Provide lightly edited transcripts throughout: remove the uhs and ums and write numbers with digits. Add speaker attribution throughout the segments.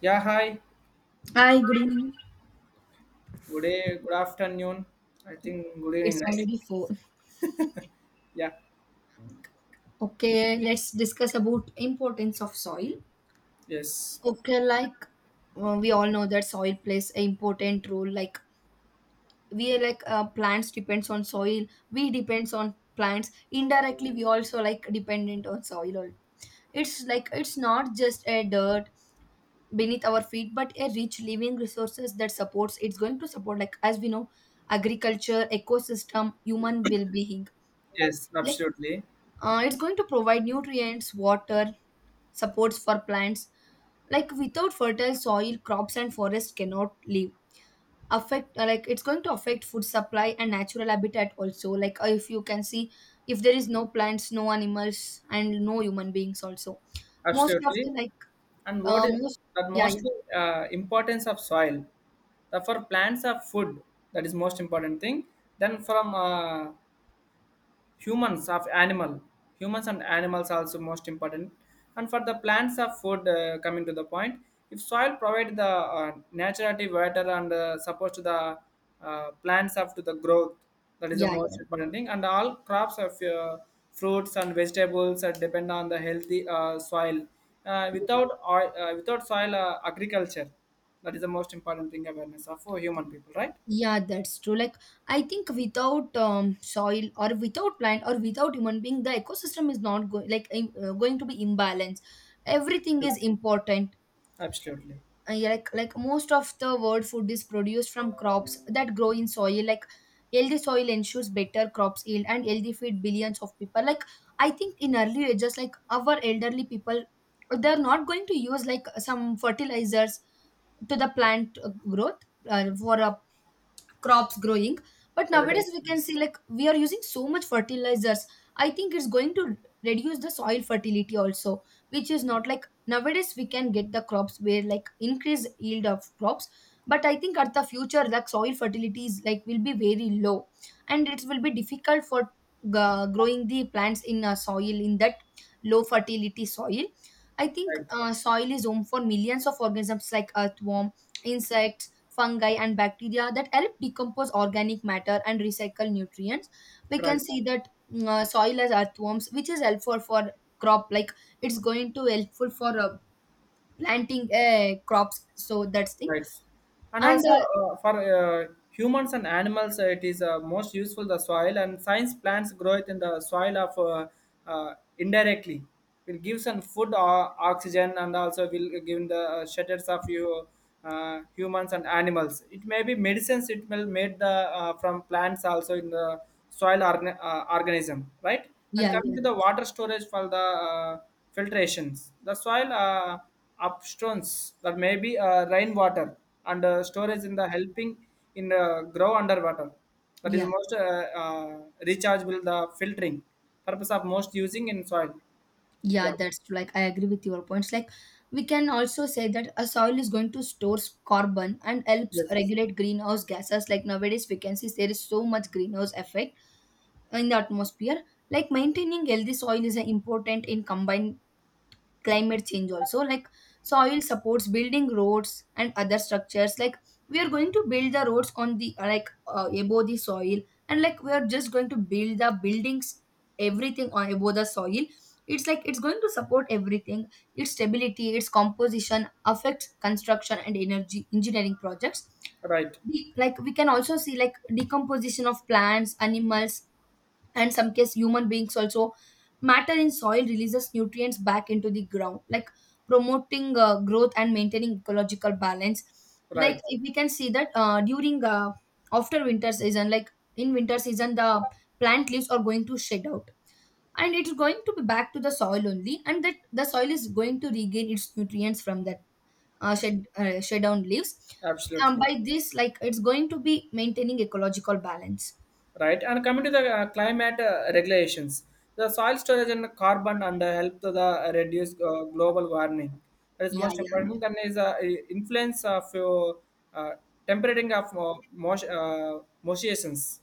Speaker 1: Yeah, hi.
Speaker 2: Hi, good evening.
Speaker 1: Good day, good afternoon. I think good
Speaker 2: It's
Speaker 1: evening, right?
Speaker 2: already four.
Speaker 1: Yeah.
Speaker 2: Okay, let's discuss about importance of soil.
Speaker 1: Yes.
Speaker 2: Okay, like we all know that soil plays an important role. Like we like plants depends on soil. We depends on plants. Indirectly, we also like dependent on soil. It's like it's not just a dirt beneath our feet, but a rich living resources that supports. It's going to support like as we know, agriculture, ecosystem, human well being.
Speaker 1: Yes, absolutely.
Speaker 2: It's going to provide nutrients, water, supports for plants. Like without fertile soil, crops and forests cannot live. Affect Like it's going to affect food supply and natural habitat also. Like if you can see, if there is no plants, no animals, and no human beings also. Most of
Speaker 1: Absolutely.
Speaker 2: the like
Speaker 1: And what is
Speaker 2: most.
Speaker 1: that
Speaker 2: Yeah, yeah,
Speaker 1: mostly importance of soil? The for plants of food, that is most important thing. Then from humans of animal humans and animals also most important, and for the plants of food coming to the point, if soil provide the naturally water and supports to the plants up to the growth, that is the
Speaker 2: yeah,
Speaker 1: most important thing. And all crops of fruits and vegetables are depend on the healthy soil. uh,
Speaker 2: yeah.
Speaker 1: without oil, uh, without soil agriculture, that is the most important thing, awareness of for human people, right?
Speaker 2: Yeah, that's true. Like, I think without soil or without plant or without human being, the ecosystem is not going like going to be imbalanced. Everything is
Speaker 1: Absolutely.
Speaker 2: important.
Speaker 1: Absolutely.
Speaker 2: Yeah, like most of the world food is produced from crops that grow in soil. Like healthy soil ensures better crops yield and healthy feed billions of people. Like I think in early ages, like our elderly people, they're not going to use like some fertilizers to the plant growth for a crops growing. But
Speaker 1: Right,
Speaker 2: nowadays we can see like we are using so much fertilizers. I think it's going to reduce the soil fertility also, which is not like nowadays we can get the crops where like increase yield of crops. But I think at the future, like soil fertility is like will be very low, and it will be difficult for growing the plants in a soil, in that low fertility soil. I think
Speaker 1: right,
Speaker 2: soil is home for millions of organisms like earthworm, insects, fungi and bacteria that help decompose organic matter and recycle nutrients. We can
Speaker 1: right,
Speaker 2: see that soil as earthworms, which is helpful for crop, like it's going to helpful for planting crops. So that's thing.
Speaker 1: rights. And
Speaker 2: And
Speaker 1: also for humans and animals, it is most useful the soil, and science plants grow it in the soil of indirectly will give some food or oxygen, and also will give the shutters of you humans and animals. It may be medicines, it will made the from plants also in the soil organism, right? And
Speaker 2: yeah,
Speaker 1: coming
Speaker 2: yeah,
Speaker 1: to the water storage for the filtrations, the soil upstones, that may be rainwater and storage in the helping in grow underwater, that is
Speaker 2: yeah,
Speaker 1: most rechargeable, the filtering purpose of most using in soil.
Speaker 2: yeah.
Speaker 1: Yeah.
Speaker 2: That's true. Like I agree with your points. Like we can also say that a soil is going to store carbon and helps
Speaker 1: Yes.
Speaker 2: regulate greenhouse gases. Like nowadays, we can see there is so much greenhouse effect in the atmosphere. Like maintaining healthy soil is important in combined climate change also. Like soil supports building roads and other structures, like we are going to build the roads on the like above the soil, and like we are just going to build the buildings, everything on above the soil. It's like it's going to support everything. Its stability, its composition affects construction and energy engineering projects.
Speaker 1: Right,
Speaker 2: Like we can also see like decomposition of plants, animals, and some case human beings also matter in soil releases nutrients back into the ground, like promoting growth and maintaining ecological balance. Like
Speaker 1: right.
Speaker 2: if we can see that during after winter season, like in winter season the plant leaves are going to shed out, and it's going to be back to the soil only, and that the soil is going to regain its nutrients from that shed down leaves.
Speaker 1: Absolutely.
Speaker 2: By this, like it's going to be maintaining ecological balance.
Speaker 1: Right? And coming to the climate regulations, the soil storage and carbon and help to the reduce global warming. That is
Speaker 2: Yeah,
Speaker 1: most
Speaker 2: yeah, yeah.
Speaker 1: important. Then is influence of uh, temperating of motions,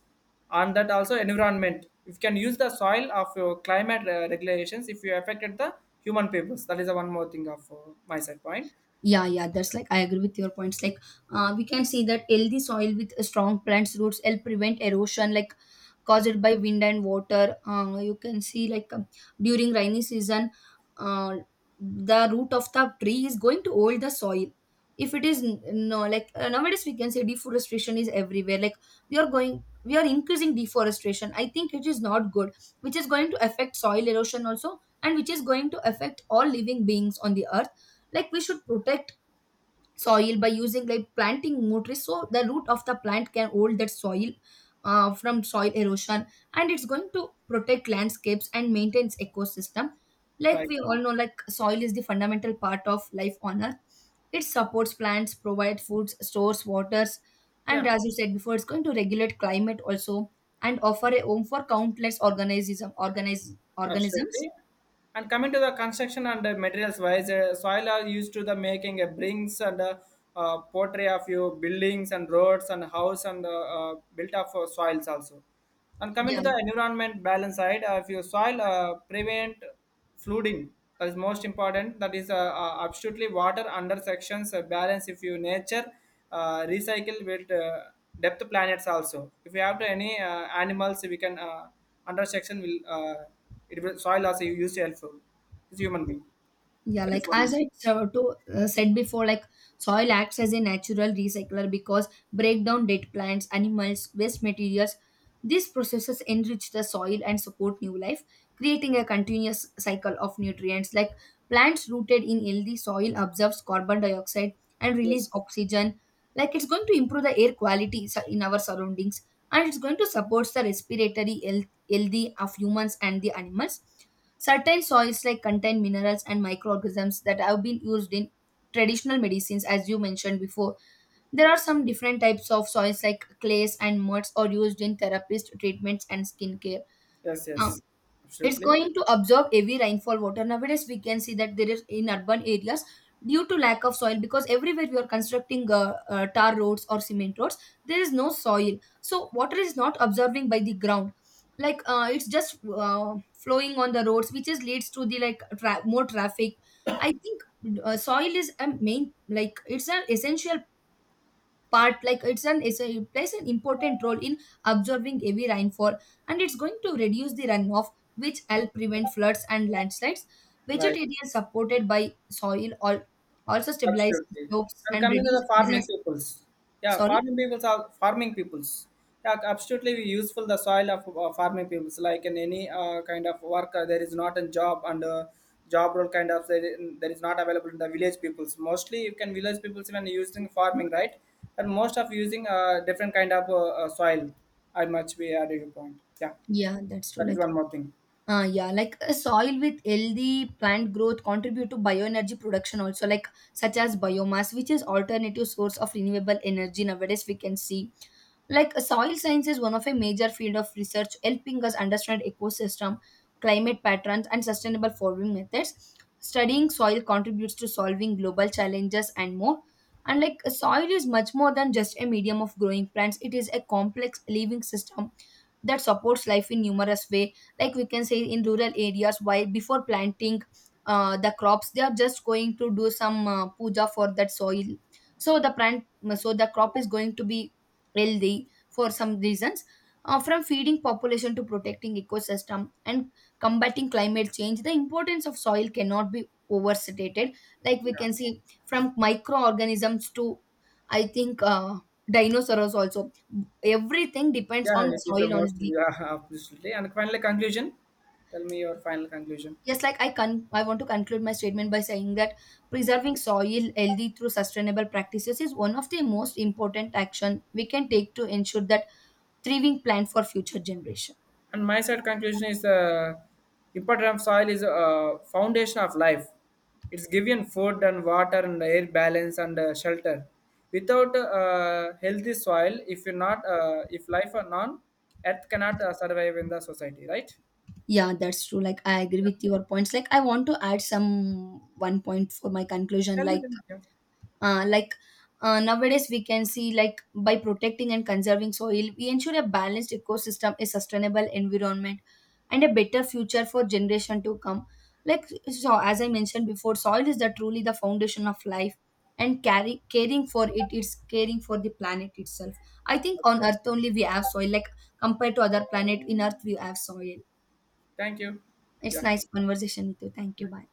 Speaker 1: and that also environment. If you can use the soil of your climate regulations, if you affected the human papers, that is the one more thing of my side point.
Speaker 2: Yeah, yeah, that's like I agree with your points. Like, we can see that healthy soil with strong plants roots help prevent erosion, like caused by wind and water. You can see like during rainy season, uh, the root of the tree is going to hold the soil. If it is no, like nowadays we can say deforestation is everywhere. Like we are going, we are increasing deforestation. I think it is not good, which is going to affect soil erosion also, and which is going to affect all living beings on the earth. Like we should protect soil by using like planting more trees, so the root of the plant can hold that soil from soil erosion, and it's going to protect landscapes and maintains ecosystem. Like
Speaker 1: Right?
Speaker 2: we all know like soil is the fundamental part of life on earth. It supports plants, provides foods, stores waters, and
Speaker 1: Yeah.
Speaker 2: as you said before, it's going to regulate climate also, and offer a home for countless organisms.
Speaker 1: Absolutely. And coming to the construction and the materials wise, soil are used to the making a brings and portray of your buildings and roads and house and built up for soils also. And coming
Speaker 2: Yeah.
Speaker 1: to the environment balance side, if your soil prevent flooding, that is most important, that is absolutely water under sections balance if you nature recycle with depth planets also, if you have to any animals we can under section will it will soil also you use helpful, it's human being,
Speaker 2: Yeah,
Speaker 1: that is
Speaker 2: like
Speaker 1: one.
Speaker 2: as I so to, said before, like soil acts as a natural recycler because breakdown dead plants, animals, waste materials. These processes enrich the soil and support new life, creating a continuous cycle of nutrients. Like plants rooted in healthy soil absorbs carbon dioxide and
Speaker 1: Yes,
Speaker 2: release oxygen. Like it's going to improve the air quality in our surroundings, and it's going to support the respiratory health, healthy of humans and the animals. Certain soils like contain minerals and microorganisms that have been used in traditional medicines as you mentioned before. There are some different types of soils like clays and muds are used in therapist treatments and skincare.
Speaker 1: yes,
Speaker 2: Um,
Speaker 1: yes.
Speaker 2: it's
Speaker 1: Absolutely.
Speaker 2: going to absorb heavy rainfall water. Nowadays we can see that there is in urban areas, due to lack of soil because everywhere we are constructing tar roads or cement roads, there is no soil, so water is not absorbing by the ground. Like it's just flowing on the roads, which is leads to the like more traffic. I think soil is a main like it's an essential part, like it's an it plays an important role in absorbing heavy rainfall, and it's going to reduce the runoff which help prevent floods and landslides.
Speaker 1: Right.
Speaker 2: Vegetation supported by soil also stabilize
Speaker 1: Absolutely.
Speaker 2: slopes
Speaker 1: And
Speaker 2: and
Speaker 1: coming to
Speaker 2: reduce
Speaker 1: the farming
Speaker 2: disasters.
Speaker 1: peoples, yeah,
Speaker 2: Sorry.
Speaker 1: farming peoples are farming peoples. Yeah, absolutely we useful the soil of farming peoples. Like in any kind of work, there is not a job and job role kind of there. There is not available in the village peoples. Mostly, you can village peoples when using farming, right? And most of using different kind of soil. I much we added a point. Yeah,
Speaker 2: Yeah, that's true,
Speaker 1: that is
Speaker 2: like.
Speaker 1: one more thing.
Speaker 2: Yeah, like a soil with healthy plant growth contribute to bioenergy production also, like such as biomass, which is alternative source of renewable energy nowadays we can see. Like soil science is one of a major field of research helping us understand ecosystem, climate patterns, and sustainable farming methods. Studying soil contributes to solving global challenges and more. And like soil is much more than just a medium of growing plants, it is a complex living system that supports life in numerous ways. Like we can say in rural areas, while before planting the crops, they are just going to do some puja for that soil, so the plant, so the crop is going to be healthy for some reasons. Uh, from feeding population to protecting ecosystem and combating climate change, the importance of soil cannot be overstated. Like we
Speaker 1: Yeah,
Speaker 2: can see from microorganisms to, I think dinosaurs also, everything depends
Speaker 1: yeah,
Speaker 2: on
Speaker 1: it is the
Speaker 2: soil
Speaker 1: most.
Speaker 2: only.
Speaker 1: Yeah, absolutely. And finally, conclusion. Tell me your final conclusion.
Speaker 2: Yes, like I can, I want to conclude my statement by saying that preserving soil healthy through sustainable practices is one of the most important action we can take to ensure that thriving plant for future generation.
Speaker 1: And my side conclusion is the important of soil is a foundation of life, it's given food and water and air balance and shelter. Without healthy soil, if you're not if life are non earth cannot survive in the society, right?
Speaker 2: Yeah, that's true. Like I agree with your points. Like I want to add some one point for my conclusion.
Speaker 1: Tell me, tell me. Yeah.
Speaker 2: Like nowadays, we can see like by protecting and conserving soil, we ensure a balanced ecosystem, a sustainable environment, and a better future for generation to come. Like so, as I mentioned before, soil is the truly the foundation of life, and carry caring for it's caring for the planet itself. I think
Speaker 1: That's
Speaker 2: on
Speaker 1: good.
Speaker 2: Earth only we have soil. Like compared to other planet, in Earth we have soil.
Speaker 1: Thank you.
Speaker 2: It's
Speaker 1: Yeah.
Speaker 2: nice conversation with you. Thank you. Bye.
Speaker 1: Yeah.